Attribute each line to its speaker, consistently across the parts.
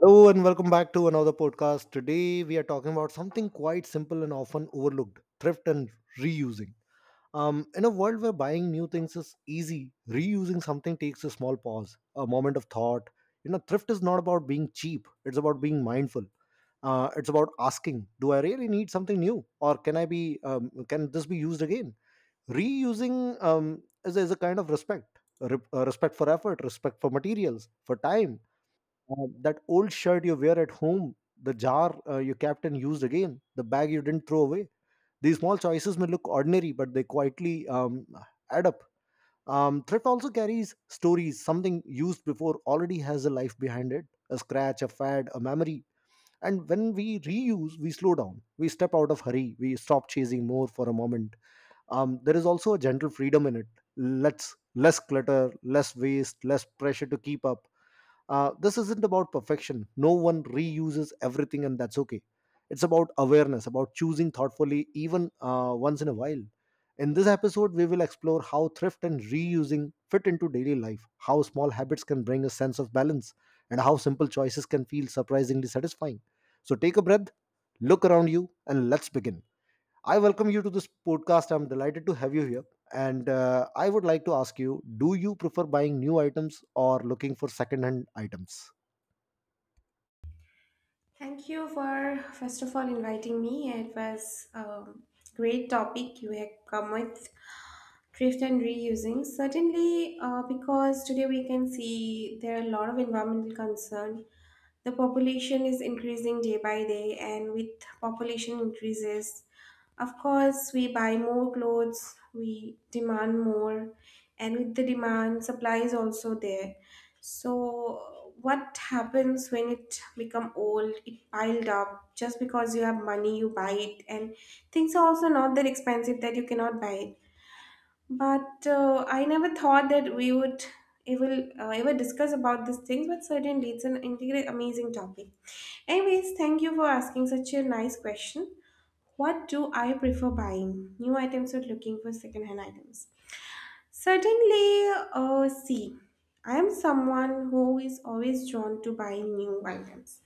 Speaker 1: Hello and welcome back to another podcast. Today we are talking about something quite simple and often overlooked, thrift and reusing. In a world where buying new things is easy, reusing something takes a small pause, a moment of thought. You know, thrift is not about being cheap, it's about being mindful. It's about asking, do I really need something new or can this be used again? Reusing is a kind of respect, respect for effort, respect for materials, for time. That old shirt you wear at home, the jar your captain used again, the bag you didn't throw away. These small choices may look ordinary, but they quietly add up. Thrift also carries stories. Something used before already has a life behind it, a scratch, a fad, a memory. And when we reuse, we slow down. We step out of hurry. We stop chasing more for a moment. There is also a gentle freedom in it. Let's less clutter, less waste, less pressure to keep up. This isn't about perfection. No one reuses everything, and that's okay. It's about awareness, about choosing thoughtfully, even once in a while. In this episode, we will explore how thrift and reusing fit into daily life, how small habits can bring a sense of balance, and how simple choices can feel surprisingly satisfying. So take a breath, look around you, and let's begin. I welcome you to this podcast. I'm delighted to have you here. And I would like to ask you, do you prefer buying new items or looking for second hand items?
Speaker 2: Thank you for, first of all, inviting me. It was a great topic you have come with thrift and reusing certainly, because today we can see there are a lot of environmental concern. The population is increasing day by day, and with population increases, of course we buy more clothes, we demand more, and with the demand supply is also there. So what happens when it become old, it piled up just because you have money you buy it, and things are also not that expensive that you cannot buy it. But I never thought that we would ever discuss about these things. But certainly, it's an amazing topic. Anyways, thank you for asking such a nice question. What do I prefer buying? New items or looking for secondhand items? Certainly, see, I am someone who is always drawn to buying new items.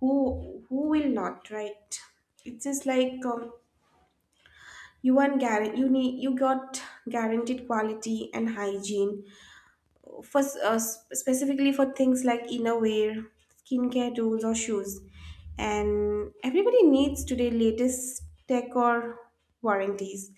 Speaker 2: Who will not, right? It's just like, you want guarantee. You got guaranteed quality and hygiene for specifically for things like innerwear, skincare tools, or shoes. And everybody needs today latest tech or warranties.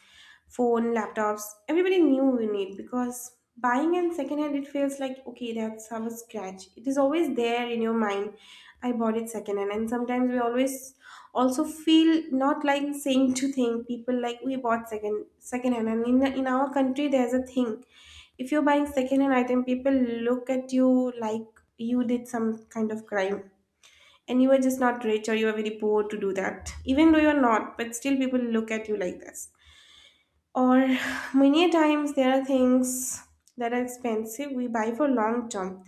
Speaker 2: Phone, laptops, everybody knew we need, because buying and secondhand it feels like okay that's our scratch. It is always there in your mind. I bought it secondhand, and sometimes we always also feel not like saying to thing people like we bought second hand and in our country there's a thing. If you're buying second hand item, people look at you like you did some kind of crime, and you are just not rich or you are very poor to do that, even though you're not, but still people look at you like this. Or many times there are things that are expensive we buy for long term,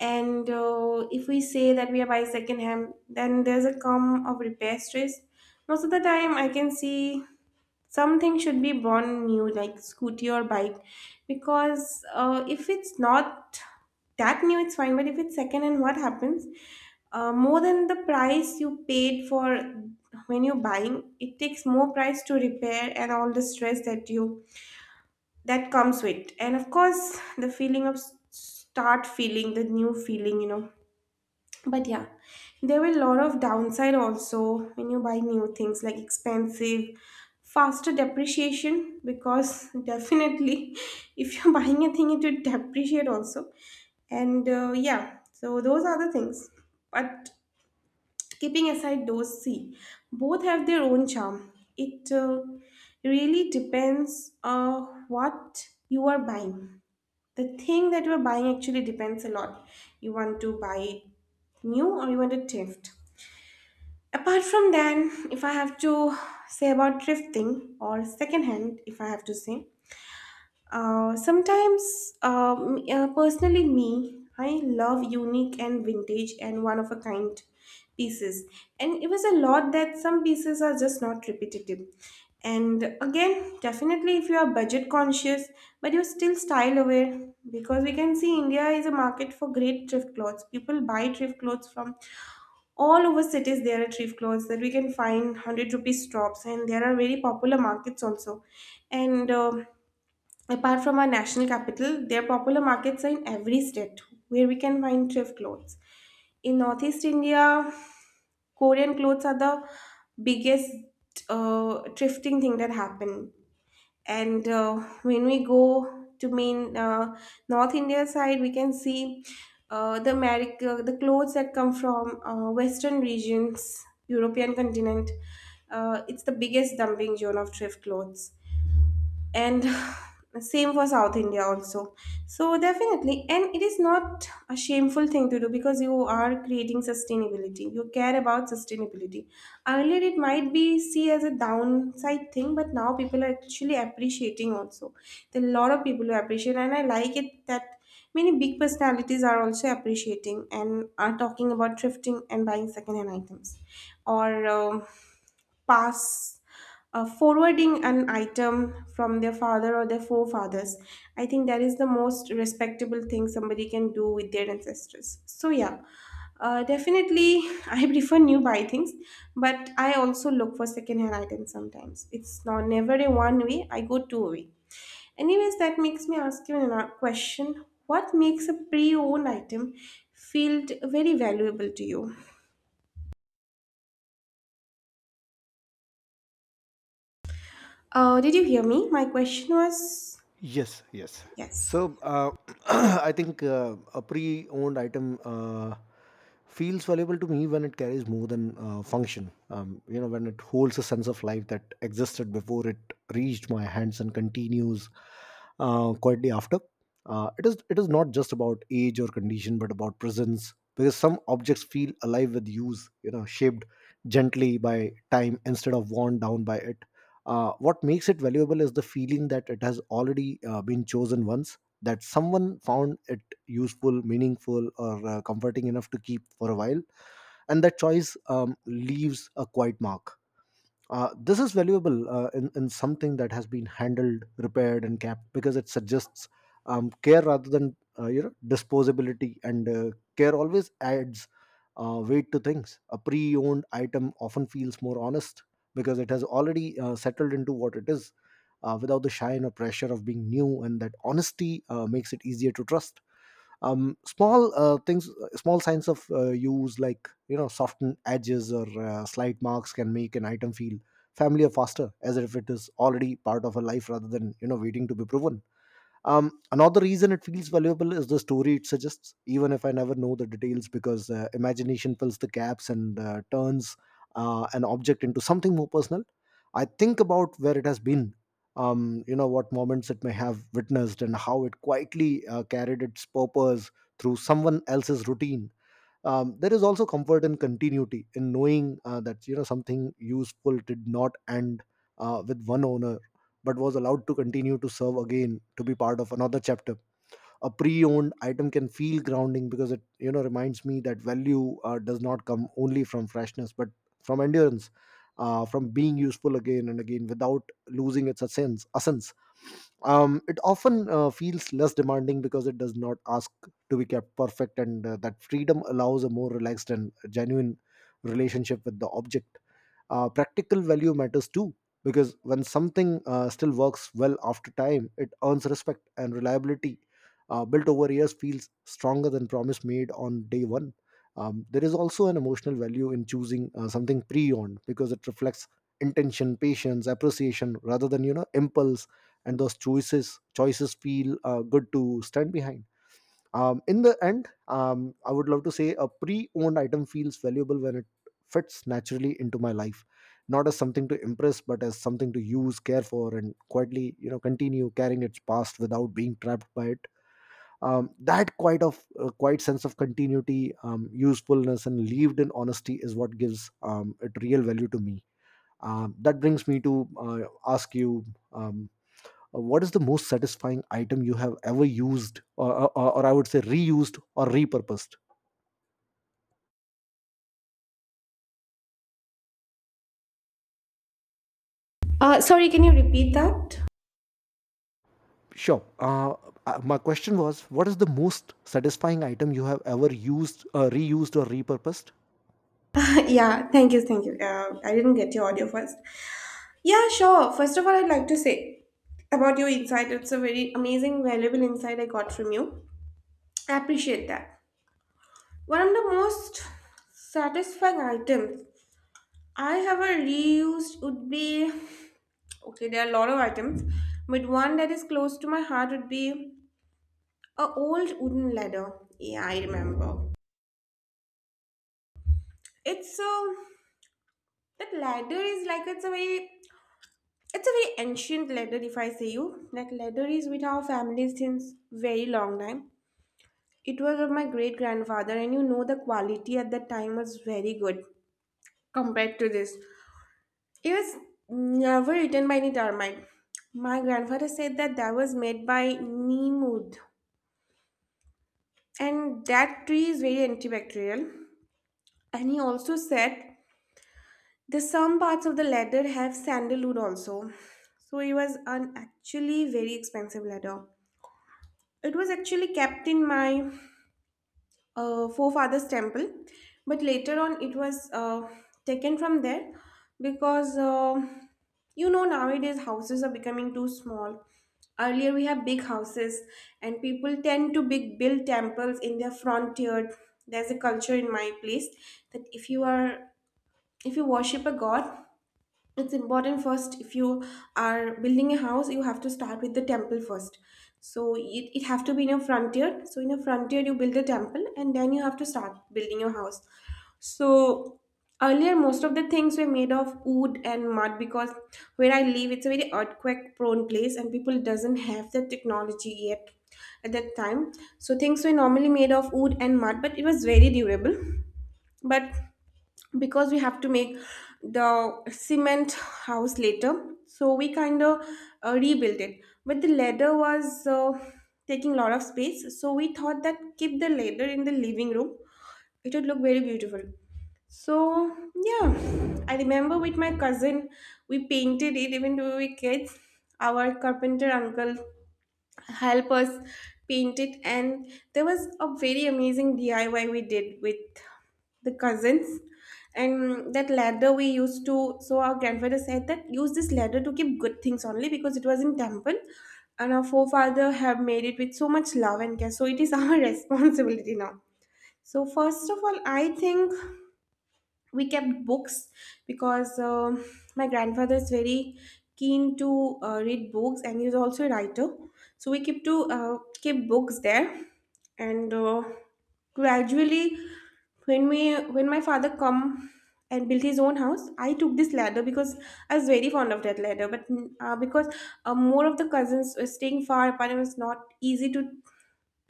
Speaker 2: and if we say that we are buying second hand, then there's a come of repair stress. Most of the time I can see something should be born new, like scooty or bike, because if it's not that new it's fine, but if it's second and what happens, more than the price you paid for when you're buying, it takes more price to repair and all the stress that comes with, and of course the feeling of start feeling the new feeling, you know. But yeah, there were a lot of downside also when you buy new things, like expensive, faster depreciation, because definitely if you're buying a thing it would depreciate also. And yeah, so those are the things. But keeping aside those, see, both have their own charm. It really depends, what you are buying. The thing that you are buying actually depends a lot. You want to buy it new or you want to thrift. Apart from that, if I have to say about thrifting or secondhand, if I have to say, sometimes, personally, me, I love unique and vintage and one of a kind pieces. And it was a lot that some pieces are just not repetitive. And again, definitely, if you are budget conscious, but you're still style aware, because we can see India is a market for great thrift clothes. People buy thrift clothes from all over cities. There are thrift clothes that we can find 100 rupees shops, and there are very popular markets also. And apart from our national capital, their popular markets are in every state where we can find thrift clothes. In Northeast India, Korean clothes are the biggest thrifting thing that happen. And when we go to main North India side, we can see, the America, the clothes that come from, Western regions, European continent. It's the biggest dumping zone of thrift clothes, and same for South India also. So definitely, and it is not a shameful thing to do because you are creating sustainability, you care about sustainability. Earlier it might be see as a downside thing, but now people are actually appreciating also. There are a lot of people who appreciate, and I like it that many big personalities are also appreciating and are talking about thrifting and buying second hand items, or pass forwarding an item from their father or their forefathers. I think that is the most respectable thing somebody can do with their ancestors. So, yeah, definitely I prefer new buy things, but I also look for secondhand items sometimes. It's not never a one way, I go two way. Anyways, that makes me ask you another question. What makes a pre owned item feel very valuable to you? Did you hear me? My question was
Speaker 1: Yes, yes.
Speaker 2: yes.
Speaker 1: So I think a pre-owned item feels valuable to me when it carries more than function. You know, when it holds a sense of life that existed before it reached my hands and continues quietly after. It is not just about age or condition, but about presence, because some objects feel alive with use. You know, shaped gently by time instead of worn down by it. What makes it valuable is the feeling that it has already been chosen once, that someone found it useful, meaningful, or comforting enough to keep for a while, and that choice leaves a quiet mark. This is valuable in something that has been handled, repaired, and kept, because it suggests care rather than you know, disposability. And care always adds weight to things. A pre-owned item often feels more honest because it has already settled into what it is, without the shine or pressure of being new. And that honesty makes it easier to trust. Small things, small signs of use like, you know, softened edges or slight marks, can make an item feel familiar faster, as if it is already part of a life rather than, you know, waiting to be proven. Another reason it feels valuable is the story it suggests, even if I never know the details, because imagination fills the gaps and turns an object into something more personal. I think about where it has been, you know, what moments it may have witnessed, and how it quietly carried its purpose through someone else's routine. There is also comfort and continuity in knowing that, you know, something useful did not end with one owner, but was allowed to continue to serve again, to be part of another chapter. A pre-owned item can feel grounding because it, you know, reminds me that value does not come only from freshness but from endurance, from being useful again and again without losing its essence. It often feels less demanding because it does not ask to be kept perfect, and that freedom allows a more relaxed and genuine relationship with the object. Practical value matters too, because when something still works well after time, it earns respect, and reliability built over years feels stronger than promise made on day one. There is also an emotional value in choosing something pre-owned because it reflects intention, patience, appreciation rather than, you know, impulse, and those choices feel good to stand behind. In the end, I would love to say a pre owned item feels valuable when it fits naturally into my life, not as something to impress, but as something to use, care for, and quietly, you know, continue carrying its past without being trapped by it. That quite of quite sense of continuity, usefulness, and lived in honesty is what gives it real value to me. That brings me to ask you. Um, what is the most satisfying item you have ever used, or I would say, reused or repurposed?
Speaker 2: Sorry, can you repeat that?
Speaker 1: Sure. My question was, what is the most satisfying item you have ever used, reused or repurposed?
Speaker 2: Yeah, thank you, thank you. I didn't get your audio first. Yeah, sure. First of all, I'd like to say about your insight. It's a very amazing, valuable insight I got from you. I appreciate that. One of the most satisfying items I have ever reused would be, okay, there are a lot of items, but one that is close to my heart would be a old wooden ladder. Yeah, I remember. It's so that ladder is like it's a very It's a very ancient letter, if I say you. Like leather is with our family since very long time. It was of my great grandfather, and you know the quality at that time was very good compared to this. It was never written by any termite. My grandfather said that that was made by Neemud, and that tree is very antibacterial. And he also said that some parts of the leather have sandalwood also. So it was an actually very expensive leather. It was actually kept in my forefather's temple, but later on it was taken from there because you know nowadays houses are becoming too small. Earlier we have big houses, and people tend to big build temples in their front yard. There's a culture in my place that if you worship a god, it's important first, if you are building a house you have to start with the temple first. So it have to be in a frontier, so in a frontier you build a temple and then you have to start building your house. So earlier most of the things were made of wood and mud, because where I live it's a very earthquake prone place and people doesn't have the technology yet at that time. So things were normally made of wood and mud, but it was very durable. But because we have to make the cement house later, so we kind of rebuilt it. But the ladder was taking a lot of space, so we thought that keep the ladder in the living room, it would look very beautiful. So yeah, I remember with my cousin, we painted it even though we were kids. Our carpenter uncle help us paint it, and there was a very amazing DIY we did with the cousins. And that ladder we used to, so our grandfather said that use this ladder to keep good things only, because it was in temple and our forefather have made it with so much love and care, so it is our responsibility now. So, first of all, I think we kept books because my grandfather is very keen to read books and he's also a writer. So, we keep to keep books there. And gradually when my father come and built his own house, I took this ladder because I was very fond of that ladder. But because more of the cousins were staying far apart, it was not easy to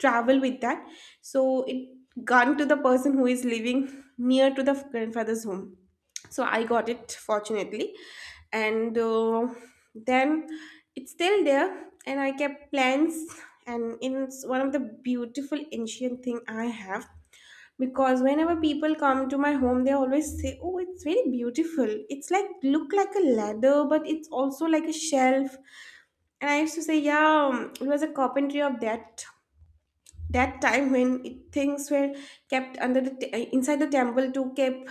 Speaker 2: travel with that. So it gone to the person who is living near to the grandfather's home, so I got it fortunately. And then it's still there and I kept plants, and it's one of the beautiful ancient thing I have. Because whenever people come to my home they always say oh it's very beautiful, it's like look like a ladder but it's also like a shelf. And I used to say yeah, it was a carpentry of that time when things were kept under the inside the temple to keep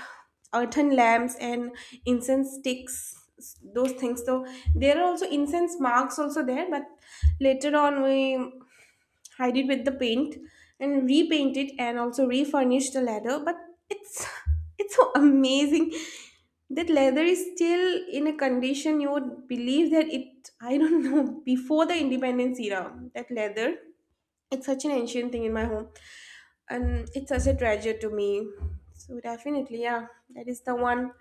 Speaker 2: earthen lamps and incense sticks, those things. So there are also incense marks also there, but later on we hide it with the paint and repaint it and also refurnish the leather. But it's it's so amazing that leather is still in a condition you would believe that it, I don't know, before the independence era that leather, it's such an ancient thing in my home, and it's such a treasure to me. So, definitely, yeah, that is the one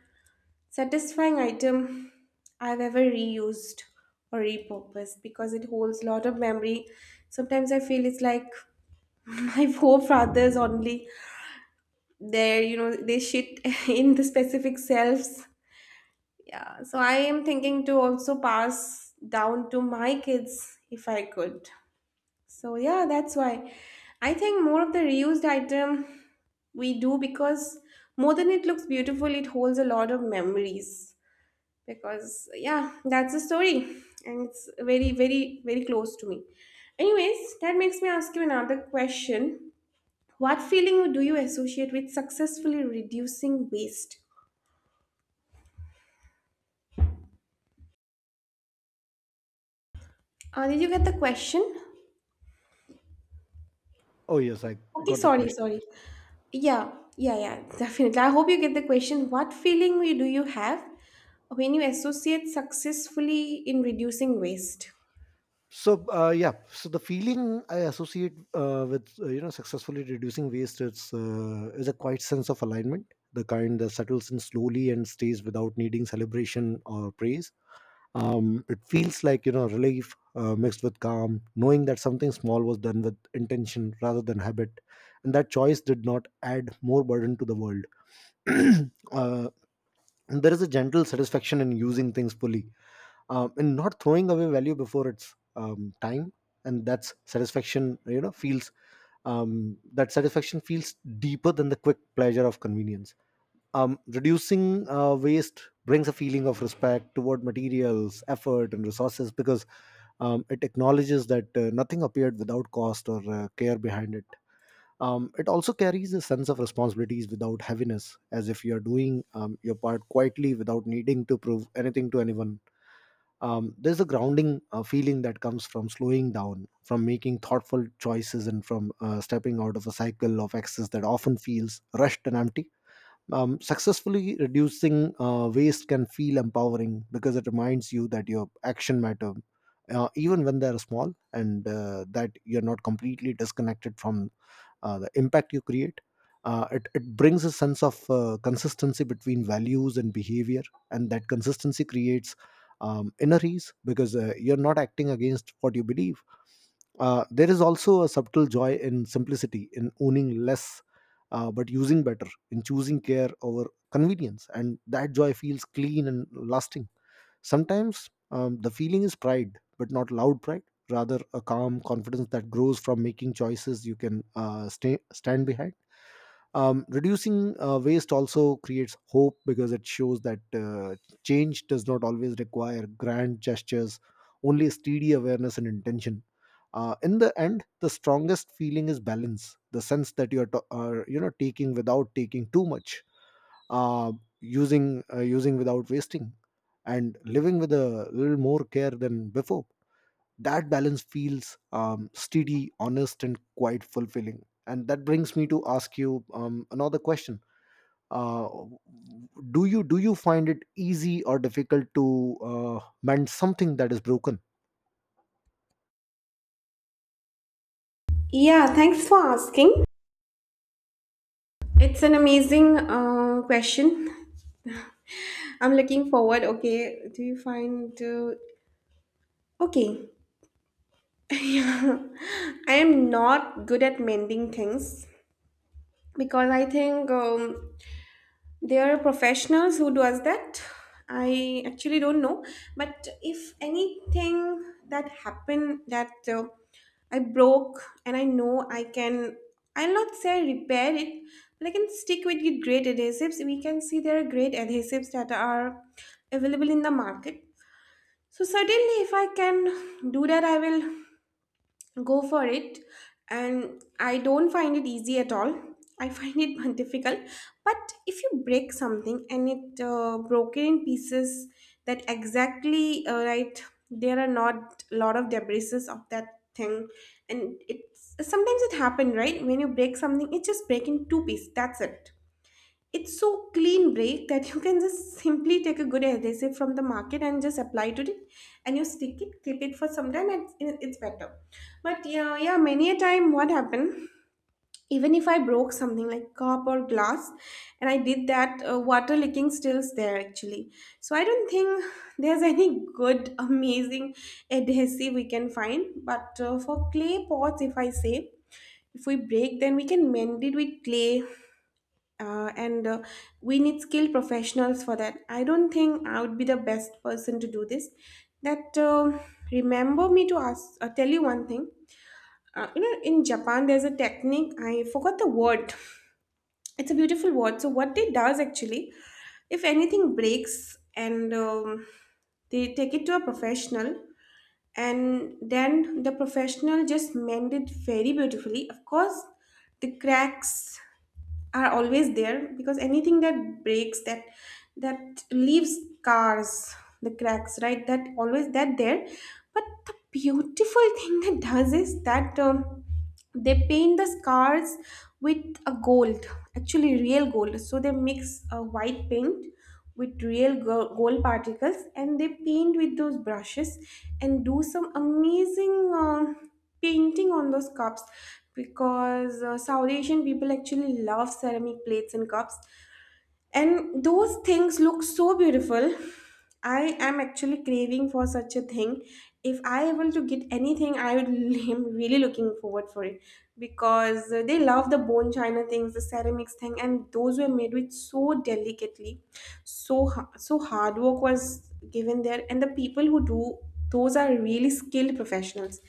Speaker 2: satisfying item I've ever reused or repurposed because it holds a lot of memory. Sometimes I feel it's like my forefathers only. They're, they shit in the specific selves. Yeah, so I am thinking to also pass down to my kids if I could. So yeah, that's why I think more of the reused item we do because more than it looks beautiful, it holds a lot of memories. Because yeah, that's the story, and it's very, very, very close to me. Anyways, that makes me ask you another question. What feeling do you associate with successfully reducing waste? Did you get the question?
Speaker 1: Oh yes, I
Speaker 2: Okay,
Speaker 1: got the
Speaker 2: sorry,
Speaker 1: question.
Speaker 2: sorry. Yeah, yeah, yeah, definitely. I hope you get the question. What feeling do you have when you associate successfully in reducing waste?
Speaker 1: So yeah, so the feeling I associate with you know, successfully reducing waste is a quiet sense of alignment, the kind that settles in slowly and stays without needing celebration or praise. It feels like, you know, relief mixed with calm, knowing that something small was done with intention rather than habit, and that choice did not add more burden to the world. uh, and there is a gentle satisfaction in using things fully, in not throwing away value before its time, and that's satisfaction, you know feels that satisfaction feels deeper than the quick pleasure of convenience. Reducing waste brings a feeling of respect toward materials, effort, and resources, because it acknowledges that nothing appeared without cost or care behind it. It also carries a sense of responsibilities without heaviness, as if you're doing your part quietly without needing to prove anything to anyone. There's a grounding feeling that comes from slowing down, from making thoughtful choices, and from stepping out of a cycle of excess that often feels rushed and empty. Successfully reducing waste can feel empowering because it reminds you that your action matter even when they're small, and that you're not completely disconnected from the impact you create. It brings a sense of consistency between values and behavior, and that consistency creates inner ease because you're not acting against what you believe. There is also a subtle joy in simplicity, in owning less but using better, in choosing care over convenience. And that joy feels clean and lasting. Sometimes the feeling is pride, but not loud pride, rather, a calm confidence that grows from making choices you can stand behind. Reducing waste also creates hope because it shows that change does not always require grand gestures, only steady awareness and intention. In the end the strongest feeling is balance, the sense that you are, you know, taking without taking too much, uh, using without wasting, and living with a little more care than before. That balance feels steady, honest, and quite fulfilling, and that brings me to ask you another question. Uh, do you do you find it easy or difficult to mend something that is broken?
Speaker 2: Yeah, thanks for asking. It's an amazing question. I'm looking forward. Okay, do you find. Okay, yeah. I am not good at mending things because I think. There are professionals who does that. I actually don't know, but if anything that happened that I broke and I know I can, I'll not say repair it, but I can stick with the great adhesives. We can see there are great adhesives that are available in the market. So certainly, if I can do that, I will go for it. And I don't find it easy at all, I find it difficult. But if you break something and it broken in pieces that exactly right, there are not a lot of debris of that thing. And it's sometimes it happen, right? When you break something, it just break in two pieces, that's it. It's so clean break that you can just simply take a good adhesive from the market and just apply to it. And you stick it, keep it for some time and it's better. But yeah, yeah, many a time what happened, even if I broke something like cup or glass and I did that, water leaking stills there actually. So I don't think there's any good, amazing adhesive we can find. But for clay pots, if I say, if we break, then we can mend it with clay and we need skilled professionals for that. I don't think I would be the best person to do this. That remember me to ask, tell you one thing. In Japan, there's a technique. I forgot the word. It's a beautiful word. So what they does actually, if anything breaks and they take it to a professional, and then the professional just mend it very beautifully, of course. The cracks are always there because anything that breaks, that leaves scars, the cracks, right, that always that there. But the beautiful thing that does is that they paint the scars with a gold, actually real gold. So they mix a white paint with real gold particles and they paint with those brushes and do some amazing painting on those cups because South Asian people actually love ceramic plates and cups, and those things look so beautiful. I am actually craving for such a thing. If I able to get anything I would am really looking forward for it because they love the bone china things, the ceramics thing, and those were made with so delicately. So so hard work was given there, and the people who do those are really skilled professionals.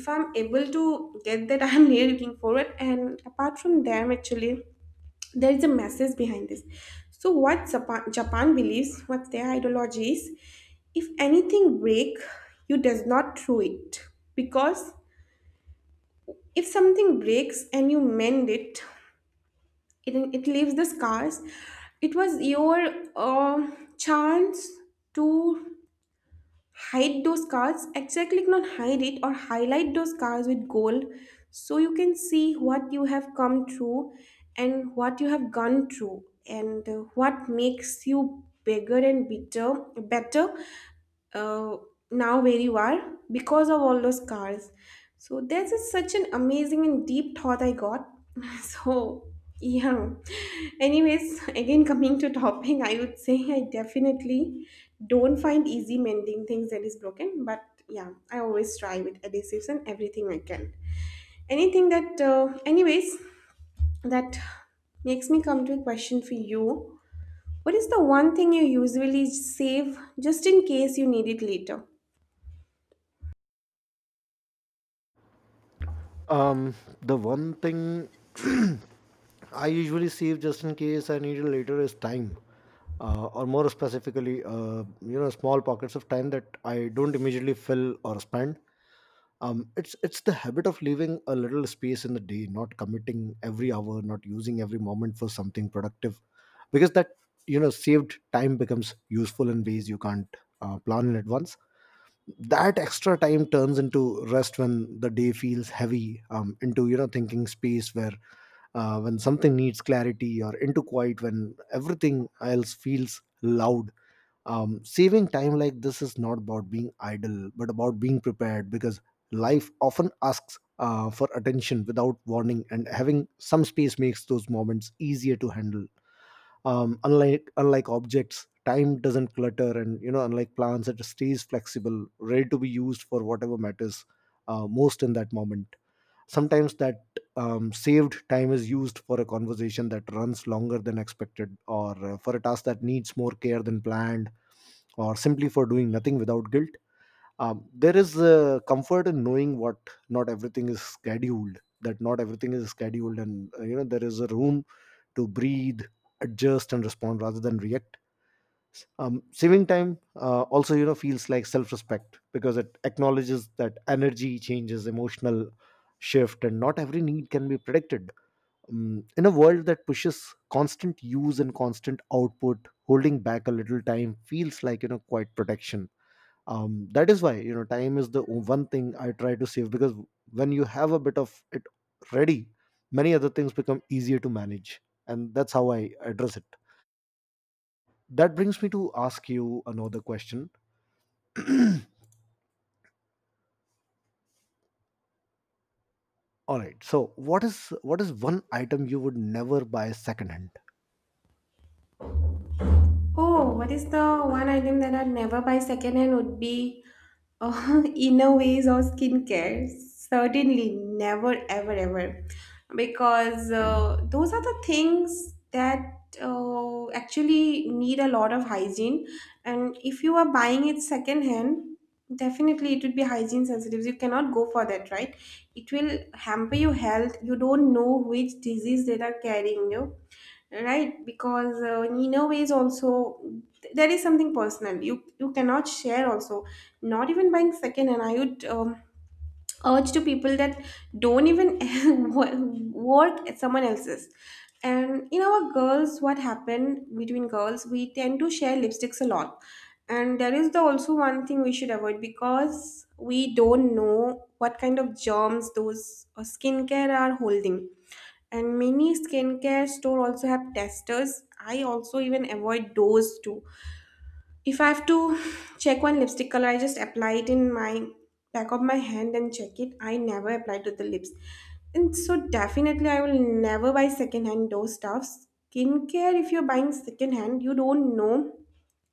Speaker 2: If I'm able to get that, I'm really looking forward. And apart from them actually, there is a message behind this. So what Japan believes, what their ideology is, if anything break, you does not throw it. Because if something breaks and you mend it, it leaves the scars. It was your uh, chance to hide those cards, exactly, click on hide it or highlight those cards with gold. So you can see what you have come through and what you have gone through and what makes you bigger and bitter, better, uh, now where you are because of all those cars. So that's such an amazing and deep thought I got. So yeah. Anyways, again coming to topping, I would say I definitely don't find easy mending things that is broken, but yeah, I always try with adhesives and everything I can. Anything that, anyways, that makes me come to a question for you. What is the one thing you usually save just in case you need it later?
Speaker 1: Um, the one thing I usually save just in case I need it later is time, or more specifically, you know, small pockets of time that I don't immediately fill or spend. It's the habit of leaving a little space in the day, not committing every hour, not using every moment for something productive, because that, you know, saved time becomes useful in ways you can't plan in advance. That extra time turns into rest when the day feels heavy, into, you know, thinking space where when something needs clarity, or into quiet when everything else feels loud. Saving time like this is not about being idle but about being prepared, because life often asks for attention without warning, and having some space makes those moments easier to handle. Unlike objects, time doesn't clutter, and, you know, unlike plants, it stays flexible, ready to be used for whatever matters most in that moment. Sometimes that saved time is used for a conversation that runs longer than expected, or for a task that needs more care than planned, or simply for doing nothing without guilt. There is a comfort in knowing what not everything is scheduled that not everything is scheduled, and you know, there is a room to breathe, adjust, and respond rather than react. Saving time also, you know, feels like self-respect because it acknowledges that energy changes, emotional shift, and not every need can be predicted. In a world that pushes constant use and constant output, holding back a little time feels like, you know, quite protection. That is why, you know, time is the one thing I try to save, because when you have a bit of it ready, many other things become easier to manage. And that's how I address it. That brings me to ask you another question. All right, so what is one item you would never buy secondhand?
Speaker 2: Oh, what is the one item that I'd never buy secondhand would be inner ways or skincare. Certainly, never, ever, ever. Because those are the things that actually need a lot of hygiene. And if you are buying it secondhand, definitely it would be hygiene sensitive. You cannot go for that, right? It will hamper your health. You don't know which disease they are carrying you, right? Because in a way is also, there is something personal, you cannot share also, not even buying second. And I would urge to people that don't even work at someone else's. And in our girls what happened between girls, we tend to share lipsticks a lot. And there is the also one thing we should avoid because we don't know what kind of germs those skincare are holding. And many skincare store also have testers, I also even avoid those too. If I have to check one lipstick color, I just apply it in my back of my hand and check it, I never apply to the lips. And so definitely I will never buy secondhand hand those stuffs, skincare. If you're buying secondhand, you don't know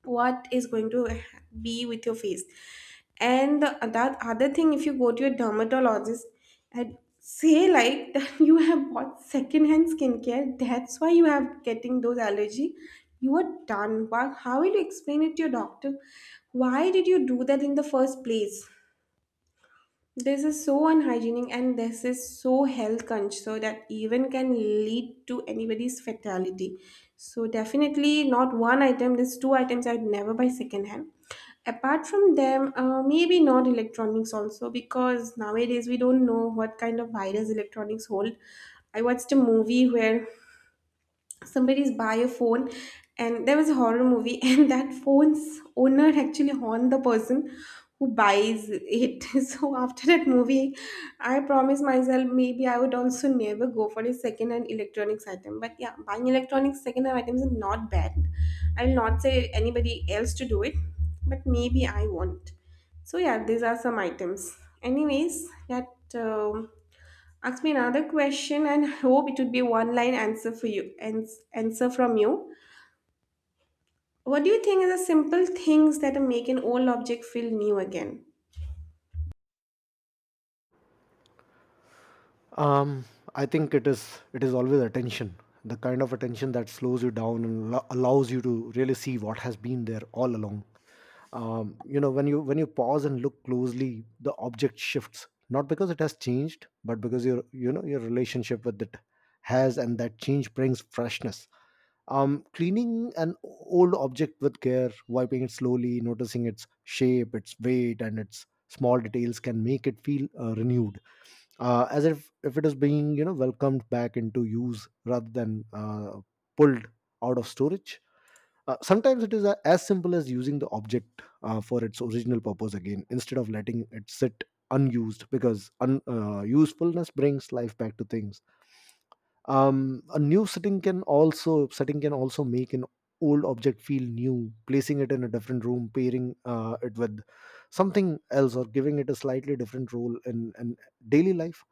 Speaker 2: what is going to be with your face. And the, that other thing, if you go to your dermatologist and say like that you have bought secondhand skincare, that's why you have getting those allergy, you are done. How will you explain it to your doctor? Why did you do that in the first place? This is so unhygienic and this is so health conscious, so that even can lead to anybody's fatality. So definitely not one item, there's two items I'd never buy secondhand. Apart from them, maybe not electronics also because nowadays we don't know what kind of virus electronics hold. I watched a movie where somebody's buy a phone and there was a horror movie, and that phone's owner actually haunt the person who buys it. So after that movie I promised myself maybe I would also never go for a second hand electronics item. But yeah, buying electronics second hand items are not bad, I will not say anybody else to do it, but maybe I won't. So yeah, these are some items. Anyways, that um, ask me another question and hope it would be one line answer for you and answer from you. What do you think are the simple things that make an old object feel new again?
Speaker 1: um I think it is always attention, the kind of attention that slows you down and allows you to really see what has been there all along. You know, when you pause and look closely, the object shifts, not because it has changed but because your, you know, your relationship with it has, and that change brings freshness. Cleaning an old object with care, wiping it slowly, noticing its shape, its weight, and its small details, can make it feel renewed, as if it is being, you know, welcomed back into use rather than pulled out of storage. Sometimes it is as simple as using the object for its original purpose again, instead of letting it sit unused, because usefulness brings life back to things. A new setting can also make an old object feel new, placing it in a different room, pairing it with something else, or giving it a slightly different role in daily life.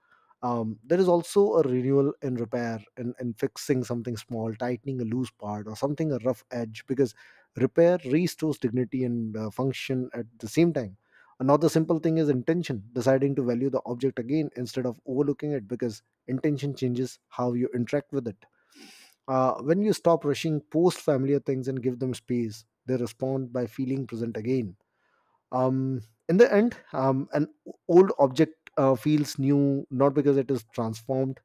Speaker 1: There is also a renewal and repair, and fixing something small, tightening a loose part or something, a rough edge, because repair restores dignity and function at the same time. Another simple thing is intention, deciding to value the object again instead of overlooking it, because intention changes how you interact with it. When you stop rushing post familiar things and give them space, they respond by feeling present again. In the end, an old object feels new not because it is transformed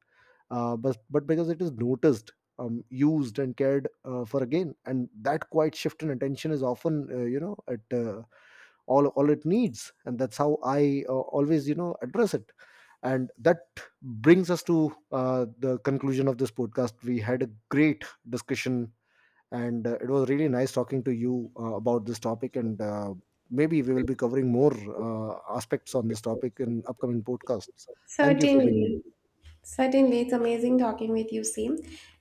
Speaker 1: but because it is noticed, used and cared for again, and that quiet shift in attention is often you know, at all it needs. And that's how I always, you know, address it. And that brings us to the conclusion of this podcast. We had a great discussion, and it was really nice talking to you about this topic, and maybe we will be covering more aspects on this topic in upcoming podcasts. Thank you for being here.
Speaker 2: Certainly. Certainly, it's amazing talking with you, Sim.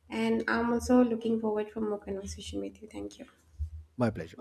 Speaker 2: And I'm also looking forward for more conversation with you. Thank you.
Speaker 1: My pleasure.